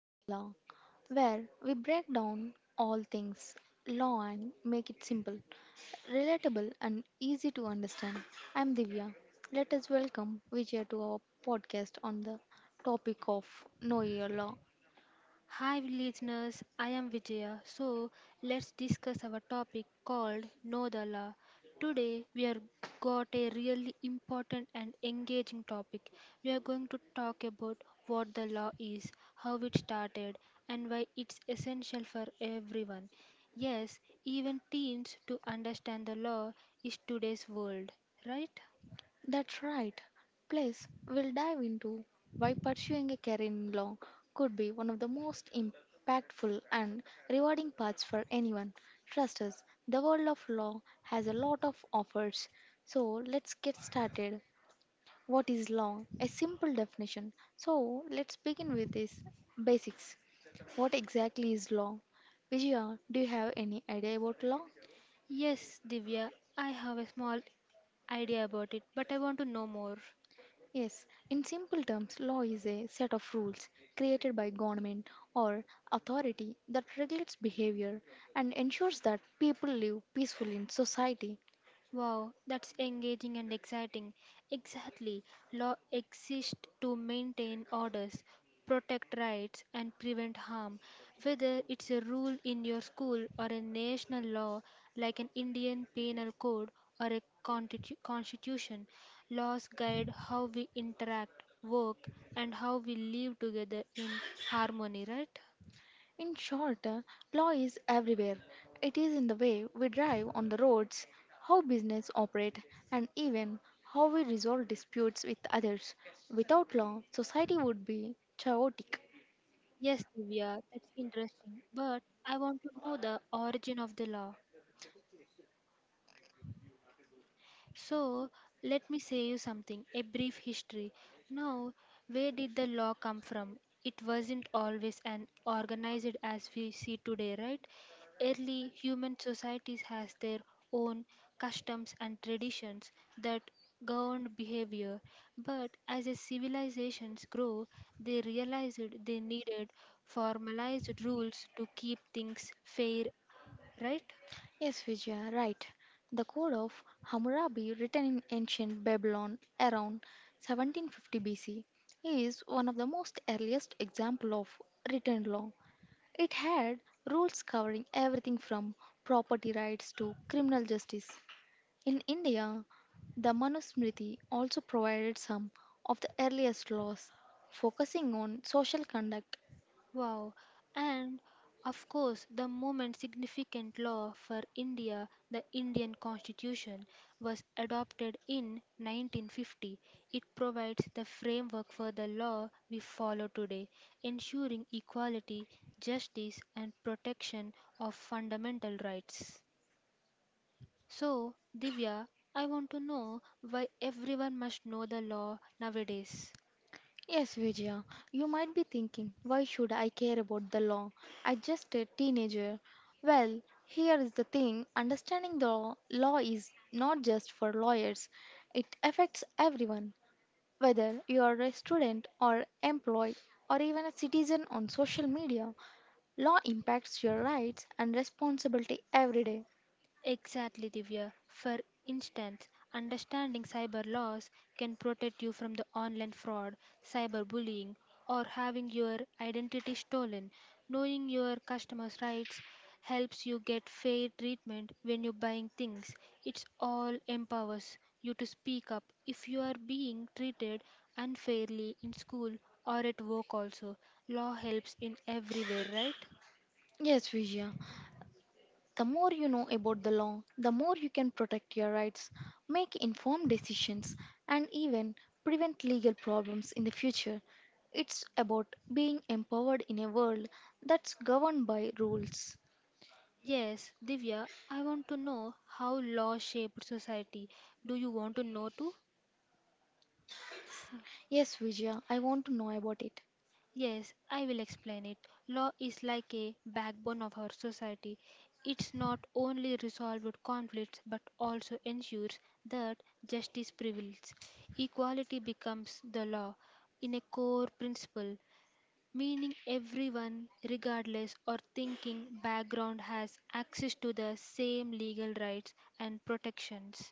Know the Law, where we break down all things law and make it simple, relatable, and easy to understand. I'm Divya. Let us welcome Vijay to our podcast on the topic of Know Your Law. Hi, listeners. I am Vijaya. Let's discuss our topic called Know the Law. Today, we are got a really important and engaging topic. We are going to talk about what the law is, how it started, and why it's essential for everyone. Yes, even teens to understand the law is today's world, right? That's right. Plus, we'll dive into why pursuing a career in law could be one of the most impactful and rewarding paths for anyone. Trust us, the world of law has a lot of offers. So, let's get started. What is law? A simple definition. So, let's begin with this basics. What exactly is law? Vijaya, do you have any idea about law? Yes, Divya, I have a small idea about it, but I want to know more. Yes, in simple terms, law is a set of rules created by government or authority that regulates behavior and ensures that people live peacefully in society. Wow, that's engaging and exciting. Exactly. Law exists to maintain orders, protect rights, and prevent harm. Whether it's a rule in your school or a national law like an Indian penal code or a constitution, laws guide how we interact, work, and how we live together in harmony, right? In short, law is everywhere. It is in the way we drive on the roads, how business operate, and even how we resolve disputes with others. Without law, society would be chaotic. Yes, Divya, that's interesting. But I want to know the origin of the law. So let me say you something a brief history. Now, where did the law come from? It wasn't always an organized as we see today, right? Early human societies has their own customs and traditions that governed behavior, but as a civilizations grow, they realized they needed formalized rules to keep things fair, right? Yes, Vijaya, right. The Code of Hammurabi, written in ancient Babylon around 1750 BC, is one of the most earliest example of written law. It had rules covering everything from property rights to criminal justice. In India, the Manusmriti also provided some of the earliest laws focusing on social conduct. Wow, and of course, the moment significant law for India, the Indian Constitution, was adopted in 1950. It provides the framework for the law we follow today, ensuring equality, justice, and protection of fundamental rights. So, Divya, I want to know why everyone must know the law nowadays. Yes, Vijaya, you might be thinking, why should I care about the law? I just a teenager. Well, here is the thing understanding the law is not just for lawyers, it affects everyone. Whether you are a student or employee or even a citizen on social media, law impacts your rights and responsibility every day. Exactly, Divya. For instance, understanding cyber laws can protect you from the online fraud, cyberbullying, or having your identity stolen. Knowing your customers' rights helps you get fair treatment when you're buying things. It's all empowers you to speak up if you are being treated unfairly in school or at work also. Law helps in everywhere, right? Yes, Vijaya, the more you know about the law, the more you can protect your rights, make informed decisions, and even prevent legal problems in the future. It's about being empowered in a world that's governed by rules. Yes, Divya, I want to know how law shaped society. Do you want to know too? Yes, Vijaya, I want to know about it. Yes, I will explain it. Law is like a backbone of our society. It's not only resolved conflicts but also ensures that justice prevails. Equality becomes the law in a core principle, meaning everyone, regardless or thinking background, has access to the same legal rights and protections.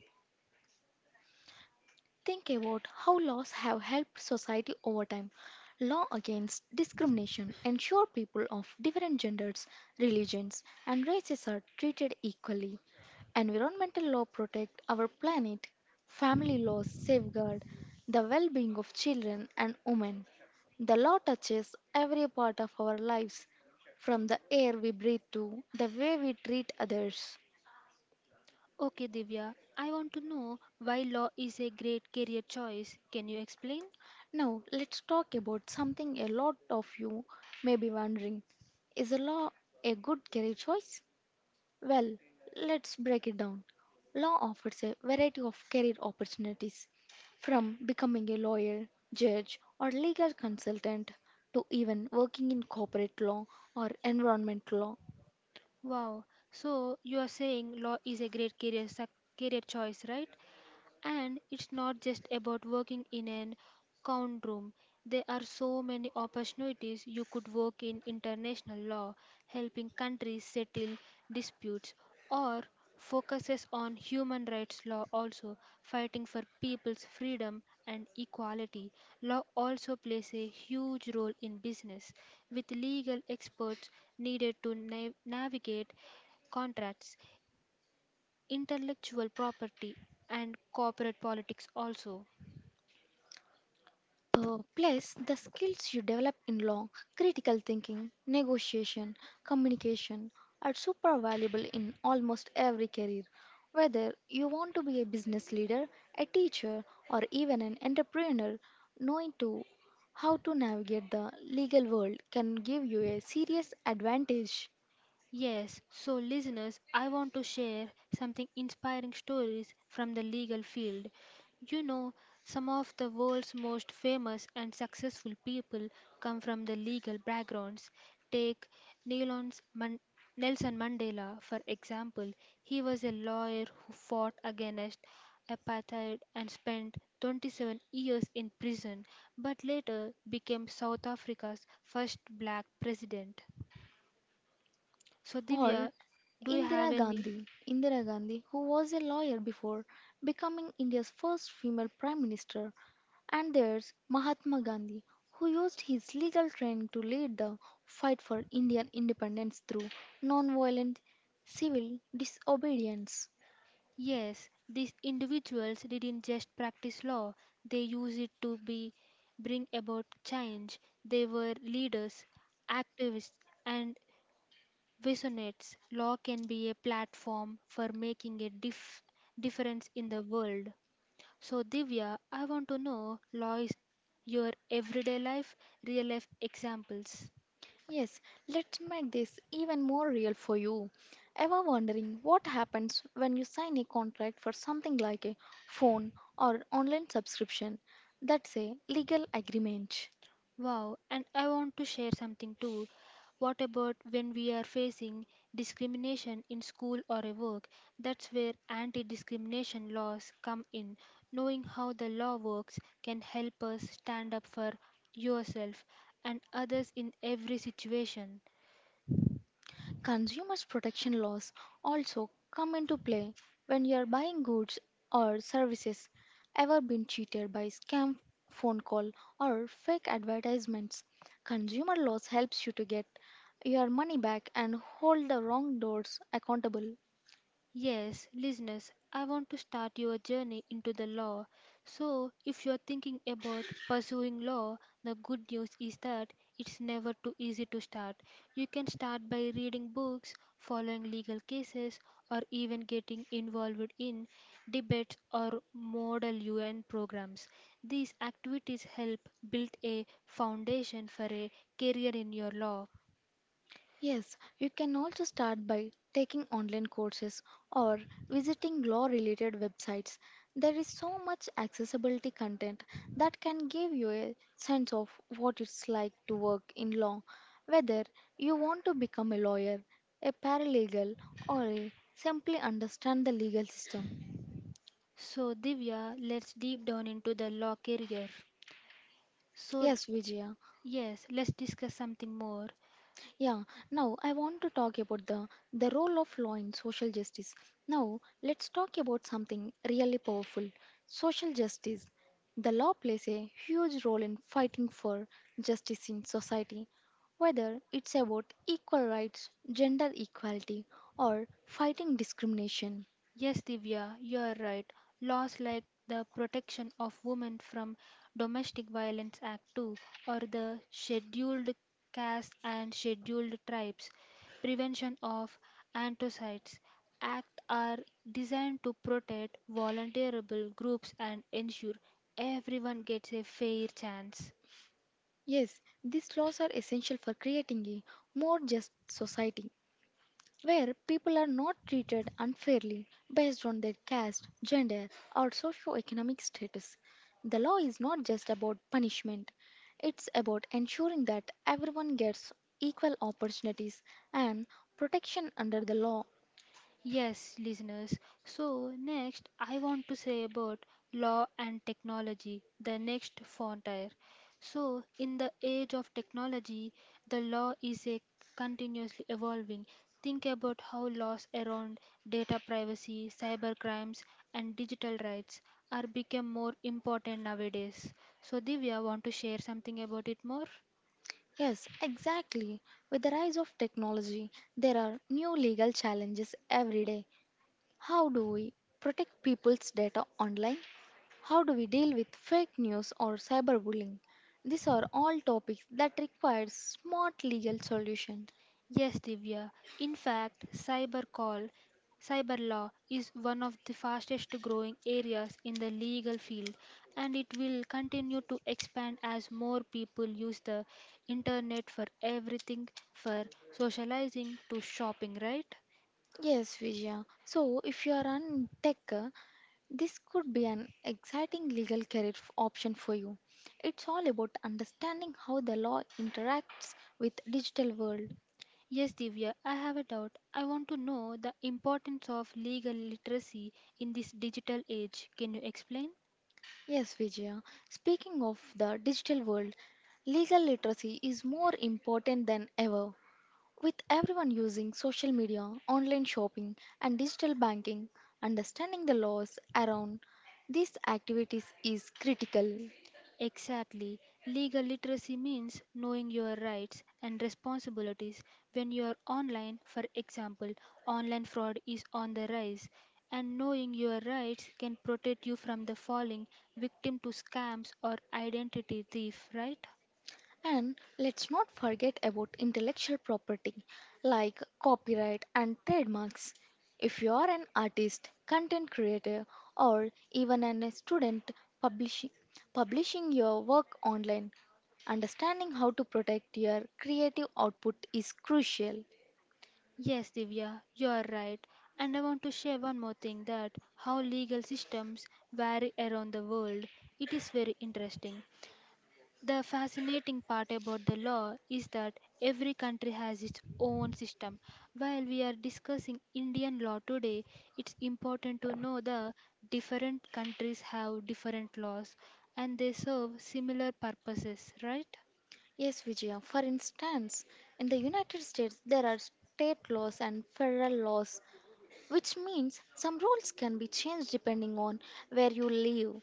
Think about how laws have helped society over time. Law against discrimination ensure people of different genders, religions, and races are treated equally. Environmental law protect our planet. Family laws safeguard the well-being of children and women. The law touches every part of our lives, from the air we breathe to the way we treat others. Okay, Divya, I want to know why law is a great career choice. Can you explain? Now, let's talk about something a lot of you may be wondering. Is a law a good career choice? Well, let's break it down. Law offers a variety of career opportunities, from becoming a lawyer, judge, or legal consultant to even working in corporate law or environment law. Wow, so you are saying law is a great career, career choice, right? And it's not just about working in an count room. There are so many opportunities you could work in international law, helping countries settle disputes, or focuses on human rights law also fighting for people's freedom and equality law also plays a huge role in business with legal experts needed to navigate contracts intellectual property and corporate politics also. Plus, the skills you develop in law, critical thinking, negotiation, communication are super valuable in almost every career. Whether you want to be a business leader, a teacher, or even an entrepreneur, knowing to how to navigate the legal world can give you a serious advantage. Yes, so listeners, I want to share something inspiring stories from the legal field. You know, some of the world's most famous and successful people come from the legal backgrounds. Take Nelson Man- Nelson Mandela, for example. He was a lawyer who fought against apartheid and spent 27 years in prison, but later became South Africa's first black president. So, Divya, Or do you have Indira any? Gandhi, Indira Gandhi, who was a lawyer before becoming India's first female prime minister, and there's Mahatma Gandhi, who used his legal training to lead the fight for Indian independence through nonviolent civil disobedience. Yes, these individuals didn't just practice law, they used it to be bring about change. They were leaders, activists, and visionaries. Law can be a platform for making a difference in the world. So, Divya, I want to know law is your everyday life, real life examples. Yes, let's make this even more real for you. Ever wondering what happens when you sign a contract for something like a phone or online subscription? That's a legal agreement. Wow, and I want to share something too. What about when we are facing discrimination in school or a work? That's where anti discrimination laws come in. Knowing how the law works can help us stand up for yourself and others in every situation. Consumers' protection laws also come into play when you are buying goods or services. Ever been cheated by scam phone call or fake advertisements? Consumer laws helps you to get your money back and hold the wrong doors accountable. Yes, listeners, I want to start your journey into the law. So, if you're thinking about pursuing law, the good news is that it's never too easy to start. You can start by reading books, following legal cases, or even getting involved in debates or model UN programs. These activities help build a foundation for a career in your law. Yes, you can also start by taking online courses or visiting law related websites. There is so much accessibility content that can give you a sense of what it's like to work in law, whether you want to become a lawyer, a paralegal, or simply understand the legal system. So, Divya, let's deep down into the law career. So, Yes, Vijaya. Yes, let's discuss something more. Yeah, now I want to talk about the role of law in social justice. Now, let's talk about something really powerful social justice. The law plays a huge role in fighting for justice in society, whether it's about equal rights, gender equality, or fighting discrimination. Yes, Divya, you are right. Laws like the Protection of Women from Domestic Violence Act 2 or the Scheduled Castes and Scheduled Tribes Prevention of Antocides Act are designed to protect vulnerable groups and ensure everyone gets a fair chance. Yes, these laws are essential for creating a more just society, where people are not treated unfairly based on their caste, gender, or socio-economic status. The law is not just about punishment, it's about ensuring that everyone gets equal opportunities and protection under the law. Yes, listeners. So, next, I want to say about law and technology, the next frontier. So, in the age of technology, the law is a continuously evolving. Think about how laws around data privacy, cyber crimes, and digital rights are become more important nowadays. So, Divya, want to share something about it more? Yes, exactly. With the rise of technology, there are new legal challenges every day. How do we protect people's data online? How do we deal with fake news or cyberbullying? These are all topics that require smart legal solution. Yes, Divya. In fact, cyber law is one of the fastest growing areas in the legal field, and it will continue to expand as more people use the internet for everything for socializing to shopping, right? Yes, Vijaya. So, if you are an tech, this could be an exciting legal career option for you. It's all about understanding how the law interacts with digital world. Yes, Divya, I have a doubt. I want to know the importance of legal literacy in this digital age. Can you explain? Yes, Vijaya. Speaking of the digital world, legal literacy is more important than ever. With everyone using social media, online shopping, and digital banking, understanding the laws around these activities is critical. Exactly. Legal literacy means knowing your rights and responsibilities when you are online. For example, online fraud is on the rise, and knowing your rights can protect you from the falling victim to scams or identity thief, right? And let's not forget about intellectual property like copyright and trademarks. If you are an artist, content creator, or even a student publishing, publishing your work online, understanding how to protect your creative output is crucial. Yes, Divya, you are right. And I want to share one more thing that how legal systems vary around the world. It is very interesting. The fascinating part about the law is that every country has its own system. While we are discussing Indian law today, it's important to know the different countries have different laws and they serve similar purposes, right? Yes, Vijaya. For instance, in the United States, there are state laws and federal laws, which means some rules can be changed depending on where you live.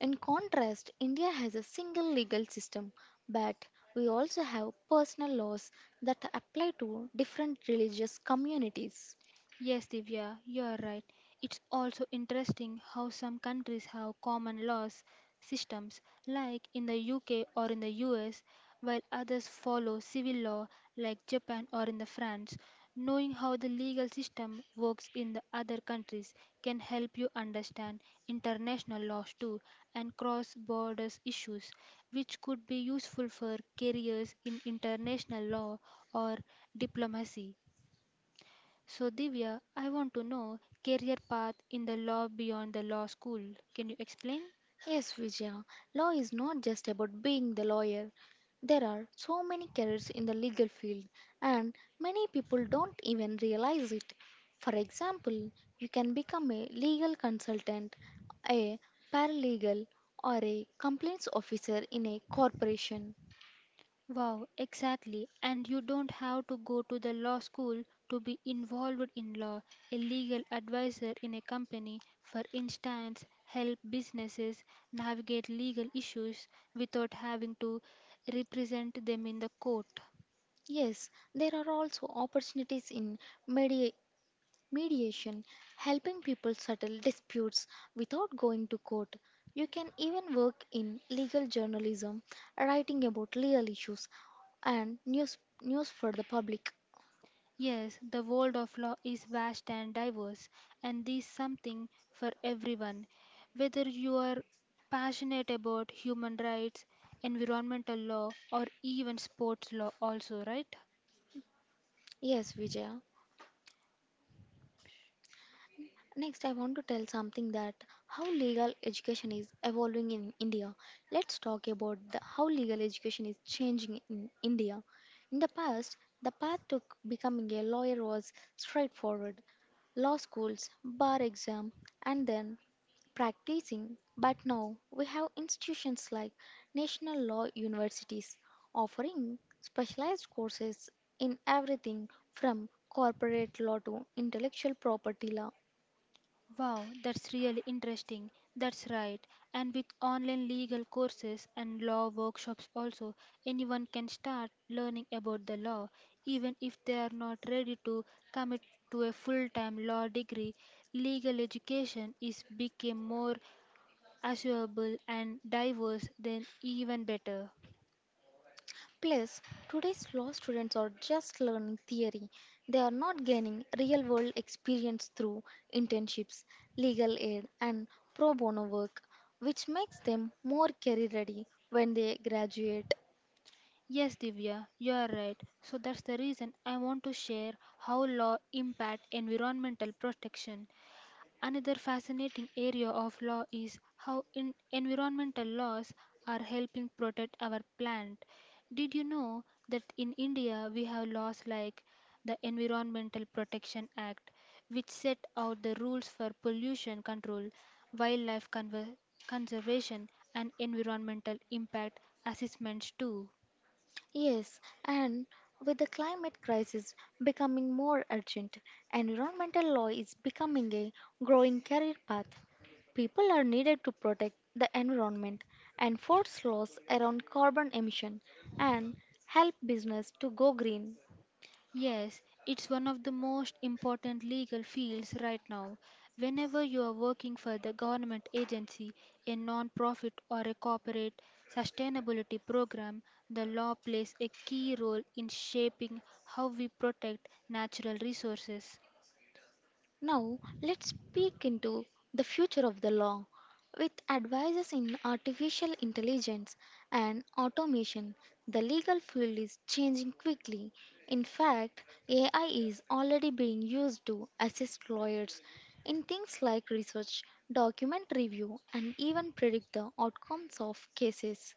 In contrast, India has a single legal system, but we also have personal laws that apply to different religious communities. Yes, Divya, you are right. It's also interesting how some countries have common laws systems, like in the UK or in the US, while others follow civil law, like Japan or in the France. Knowing how the legal system works in the other countries can help you understand international laws too and cross border issues, which could be useful for careers in international law or diplomacy. So, Divya, I want to know career path in the law beyond the law school. Can you explain? Yes, Vijaya, law is not just about being the lawyer. There are so many careers in the legal field, and many people don't even realize it. For example, you can become a legal consultant, a paralegal, or a complaints officer in a corporation. Wow, exactly. And you don't have to go to the law school to be involved in law. A legal advisor in a company, for instance, help businesses navigate legal issues without having to represent them in the court. Yes, there are also opportunities in media mediation, helping people settle disputes without going to court. You can even work in legal journalism, writing about legal issues and news for the public. Yes, the world of law is vast and diverse, and there's something for everyone. Whether you are passionate about human rights, environmental law, or even sports law, also, right? Yes, Vijaya. Next, I want to tell something that how legal education is evolving in India. Let's talk about how legal education is changing in India. In the past, the path to becoming a lawyer was straightforward law schools, bar exam, and then practicing. But now we have institutions like national law universities offering specialized courses in everything from corporate law to intellectual property law. Wow, that's really interesting. That's right. And with online legal courses and law workshops also, anyone can start learning about the law even if they are not ready to commit to a full-time law degree. Legal education is became more assumable and diverse than even better. Plus, today's law students are just learning theory. They are not gaining real world experience through internships, legal aid, and pro bono work, which makes them more career ready when they graduate. Yes, Divya, you are right. So that's the reason I want to share how law impact environmental protection. Another fascinating area of law is how in environmental laws are helping protect our planet. Did you know that in India we have laws like the Environmental Protection Act, which set out the rules for pollution control, wildlife conver- conservation, and environmental impact assessments too? Yes, and with the climate crisis becoming more urgent, environmental law is becoming a growing career path. People are needed to protect the environment, enforce laws around carbon emission, and help business to go green. Yes, it's one of the most important legal fields right now. Whenever you are working for the government agency, a non-profit or a corporate sustainability program, the law plays a key role in shaping how we protect natural resources. Now, let's peek into the future of the law. With advances in artificial intelligence and automation, the legal field is changing quickly. In fact, AI is already being used to assist lawyers in things like research, document review, and even predict the outcomes of cases.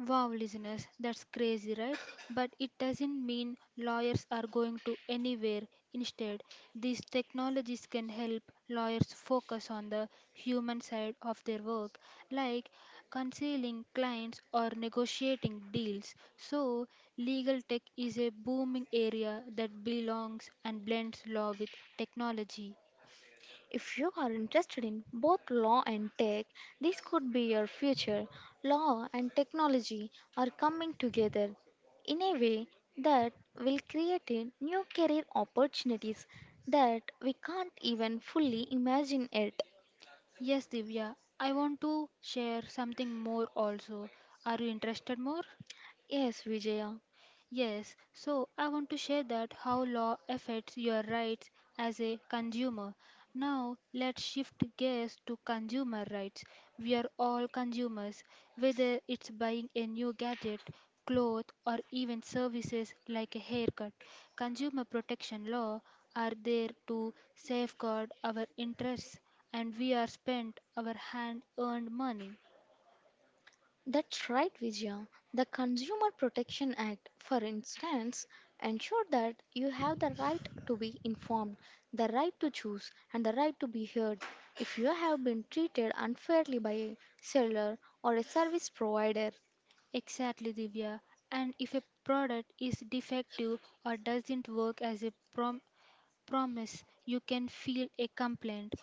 Wow, listeners, that's crazy, right? But it doesn't mean lawyers are going to anywhere. Instead, these technologies can help lawyers focus on the human side of their work, like concealing clients or negotiating deals. So, legal tech is a booming area that belongs and blends law with technology. If you are interested in both law and tech, this could be your future. Law and technology are coming together in a way that will create a new career opportunities that we can't even fully imagine yet. Yes, Divya, I want to share something more also. Are you interested more? Yes, Vijaya. Yes, so I want to share that how law affects your rights as a consumer. Now, let's shift gears to consumer rights. We are all consumers, whether it's buying a new gadget, cloth, or even services like a haircut. Consumer protection law are there to safeguard our interests and we are spent our hand earned money. That's right, Vijaya. The Consumer Protection Act, for instance, ensure that you have the right to be informed, the right to choose, and the right to be heard. If you have been treated unfairly by a seller or a service provider, Exactly, Divya. And if a product is defective or doesn't work as a promise, you can file a complaint.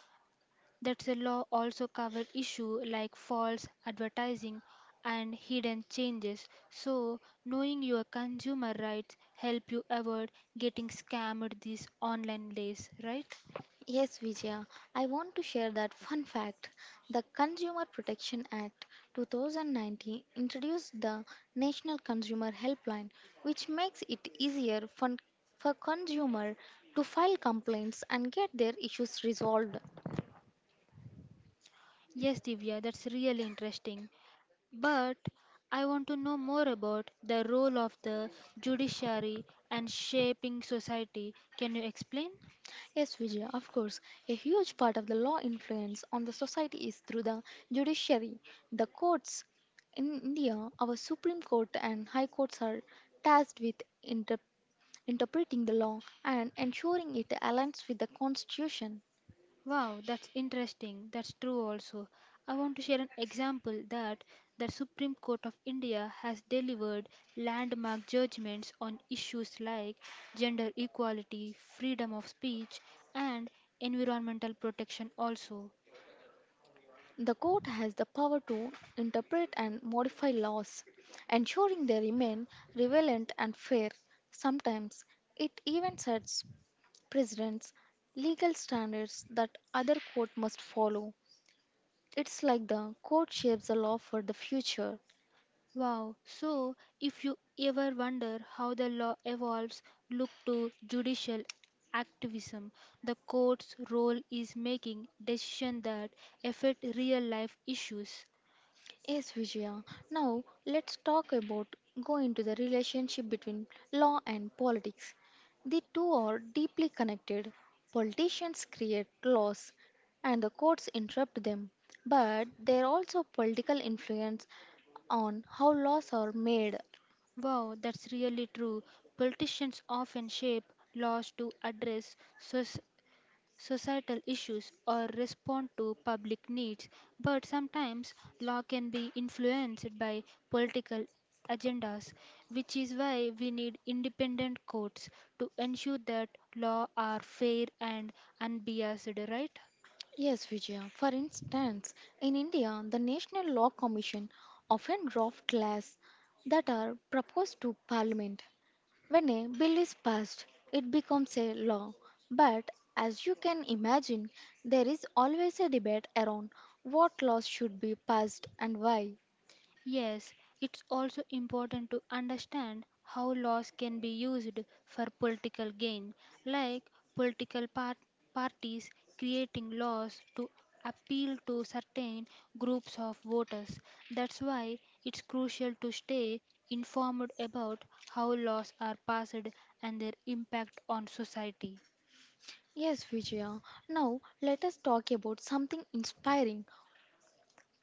That's a law also covered issue like false advertising and hidden changes. So, knowing your consumer rights help you avoid getting scammed these online days, right? yes, Vijaya, I want to share that fun fact. The Consumer Protection Act 2019 introduced the National Consumer Helpline, which makes it easier for consumer to file complaints and get their issues resolved. Yes, Divya, that's really interesting. But I want to know more about the role of the judiciary and shaping society. Can you explain? Yes, Vijaya, of course, a huge part of the law influence on the society is through the judiciary, the courts. In India, our Supreme Court and High Courts are tasked with inter. interpreting the law, and ensuring it aligns with the Constitution. Wow, that's interesting. That's true also. I want to share an example that the Supreme Court of India has delivered landmark judgments on issues like gender equality, freedom of speech, and environmental protection also. The court has the power to interpret and modify laws, ensuring they remain relevant and fair. Sometimes it even sets precedents, legal standards that other court must follow. It's like the court shapes the law for the future. Wow. So, if you ever wonder how the law evolves, look to judicial activism. The court's role is making decisions that affect real life issues. Yes, Vijaya. Now let's talk about go into the relationship between law and politics. The two are deeply connected. Politicians create laws and the courts interrupt them, but there are also political influence on how laws are made. Wow, that's really true. Politicians often shape laws to address societal issues or respond to public needs, but sometimes law can be influenced by political agendas, which is why we need independent courts to ensure that law are fair and unbiased, right? Yes, Vijaya. For instance, in India, the National Law Commission often draft laws that are proposed to Parliament. When a bill is passed, it becomes a law. But as you can imagine, there is always a debate around what laws should be passed and why. Yes, it's also important to understand how laws can be used for political gain, like political par- parties creating laws to appeal to certain groups of voters. That's why it's crucial to stay informed about how laws are passed and their impact on society. Yes, Vijaya. Now let us talk about something inspiring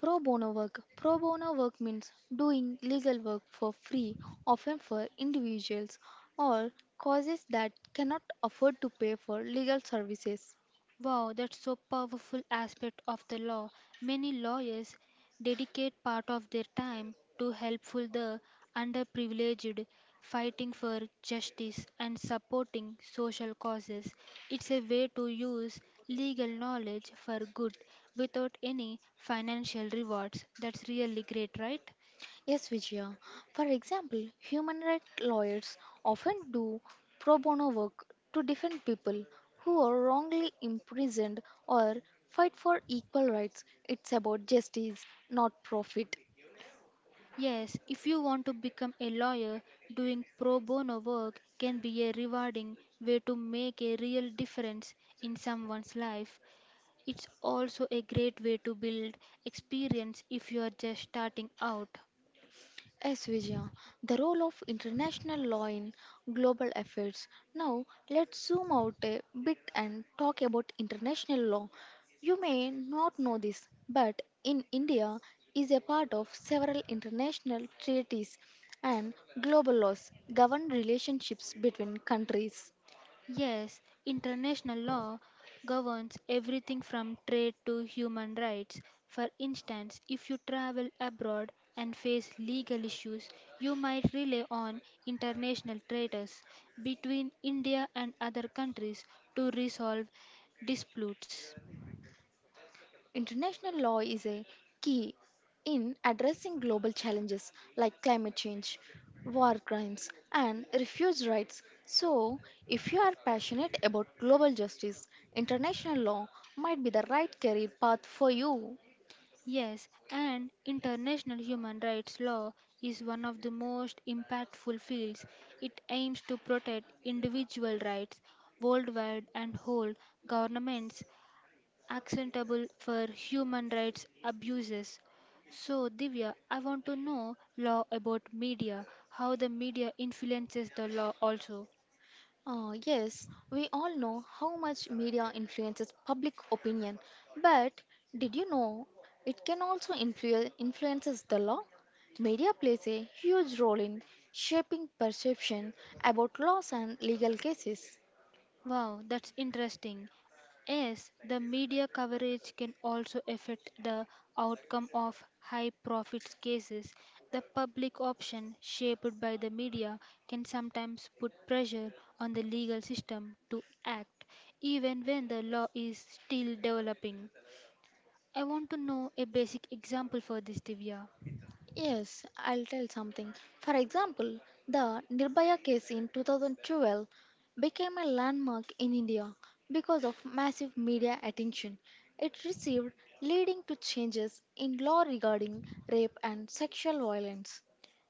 pro bono work. Pro bono work means doing legal work for free, often for individuals or causes that cannot afford to pay for legal services. Wow, that's so powerful aspect of the law. Many lawyers dedicate part of their time to helpful the underprivileged, fighting for justice and supporting social causes. It's a way to use legal knowledge for good without any financial rewards. That's really great, right? Yes, Vijaya. For example, human rights lawyers often do pro bono work to defend people who are wrongly imprisoned or fight for equal rights. It's about justice, not profit. Yes, if you want to become a lawyer, doing pro bono work can be a rewarding way to make a real difference in someone's life. It's also a great way to build experience if you are just starting out. Yes, Vijaya, the role of international law in global affairs. Now, let's zoom out a bit and talk about international law. You may not know this, but in India is a part of several international treaties and global laws govern relationships between countries. Yes, international law governs everything from trade to human rights. For instance, if you travel abroad and face legal issues, you might rely on international traders between India and other countries to resolve disputes. International law is a key in addressing global challenges like climate change, war crimes, and refugee rights. So, if you are passionate about global justice, international law might be the right career path for you. Yes, and international human rights law is one of the most impactful fields. It aims to protect individual rights worldwide and hold governments accountable for human rights abuses. So, Divya, I want to know law about media, how the media influences the law also. Yes, we all know how much media influences public opinion, but did you know it can also influences the law? Media plays a huge role in shaping perception about laws and legal cases. Wow, that's interesting. Yes, the media coverage can also affect the outcome of high profits cases. The public option shaped by the media can sometimes put pressure on the legal system to act, even when the law is still developing. I want to know a basic example for this, Divya. Yes, I'll tell something. For example, the Nirbhaya case in 2012 became a landmark in India because of massive media attention it received, leading to changes in law regarding rape and sexual violence.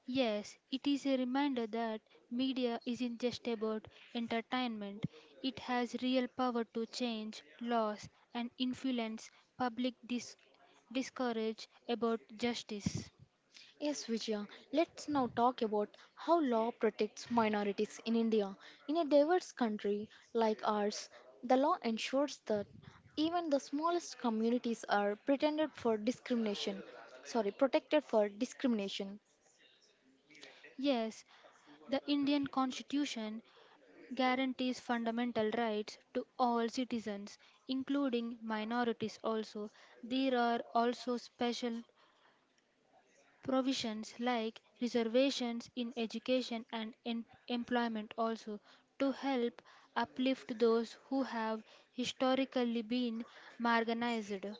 Yes, it is a reminder that media isn't just about entertainment. It has real power to change laws and influence public dis- discourage about justice. Yes, Vijaya, let's now talk about how law protects minorities in India. In a diverse country like ours, the law ensures that even the smallest communities are pretended for discrimination, sorry, protected for discrimination. Yes, the Indian Constitution guarantees fundamental rights to all citizens, including minorities also. There are also special Provisions like reservations in education and employment also to help uplift those who have historically been marginalized.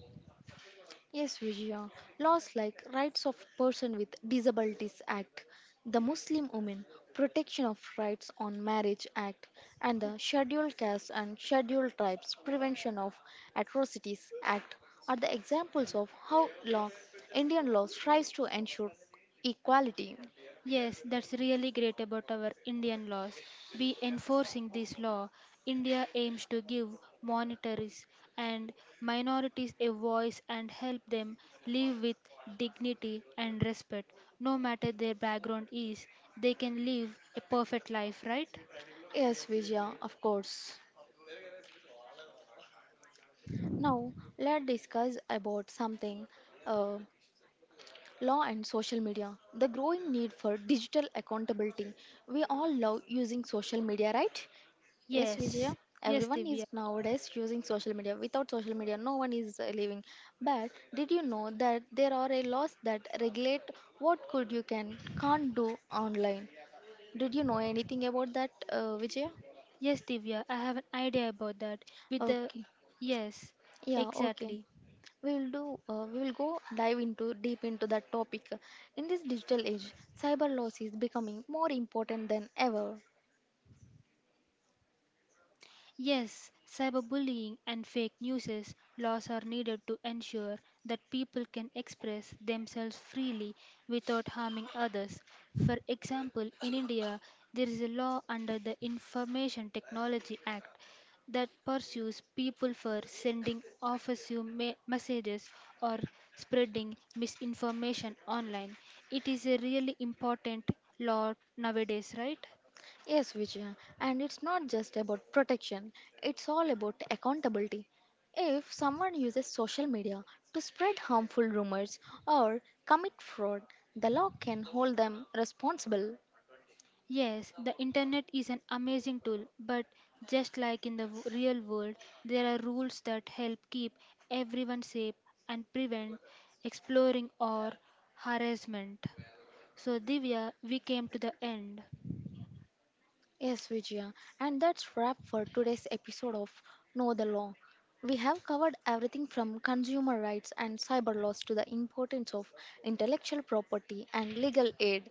Yes, Vijaya. Laws like Rights of Person with Disabilities Act, the Muslim Women Protection of Rights on Marriage Act, and the Scheduled Castes and Scheduled Tribes Prevention of Atrocities Act are the examples of how law Indian law strives to ensure equality. Yes, that's really great about our Indian laws. Be enforcing this law. India aims to give minorities and minorities a voice and help them live with dignity and respect. No matter their background is, they can live a perfect life, right? Yes, Vijaya, of course. Now let's discuss about something. Uh, Law and social media. The growing need for digital accountability. We all love using social media, right? Yes, Vijaya. Yes, yes, Everyone is Divya. nowadays using social media. Without social media, no one is living. But did you know that there are a laws that regulate what could you can can't do online? Did you know anything about that, Vijaya? Yes, Divya, I have an idea about that. With the Okay. yes, Yeah, okay. exactly. we'll do we'll go dive into deep into that topic in this digital age cyber loss is becoming more important than ever. Yes, cyberbullying and fake news laws are needed to ensure that people can express themselves freely without harming others. For example, in India, there is a law under the Information Technology Act that pursues people for sending messages or spreading misinformation online. It is a really important law nowadays, right? Yes, Vijaya, and it's not just about protection, it's all about accountability. If someone uses social media to spread harmful rumors or commit fraud, the law can hold them responsible. Yes, the internet is an amazing tool, but just like in the real world, there are rules that help keep everyone safe and prevent exploring or harassment. So, Divya, we came to the end. Yes, Vijaya. And that's wrap for today's episode of Know the Law. We have covered everything from consumer rights and cyber laws to the importance of intellectual property and legal aid.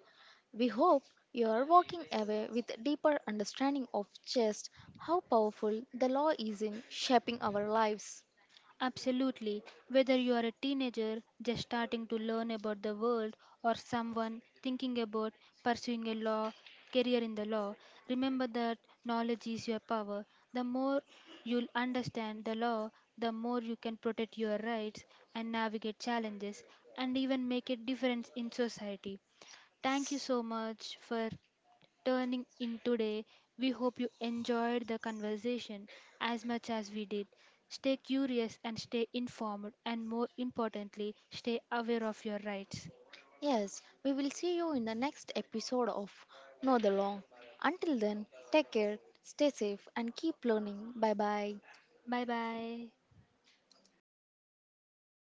We hope you are walking away with a deeper understanding of just how powerful the law is in shaping our lives. Absolutely. Whether you are a teenager just starting to learn about the world or someone thinking about pursuing a law career in the law, remember that knowledge is your power. The more you'll understand the law, the more you can protect your rights and navigate challenges and even make a difference in society. Thank you so much for tuning in today. We hope you enjoyed the conversation as much as we did. Stay curious and stay informed, and more importantly, stay aware of your rights. Yes, we will see you in the next episode of Know the Law. Until then, take care, stay safe, and keep learning. Bye bye. Bye bye.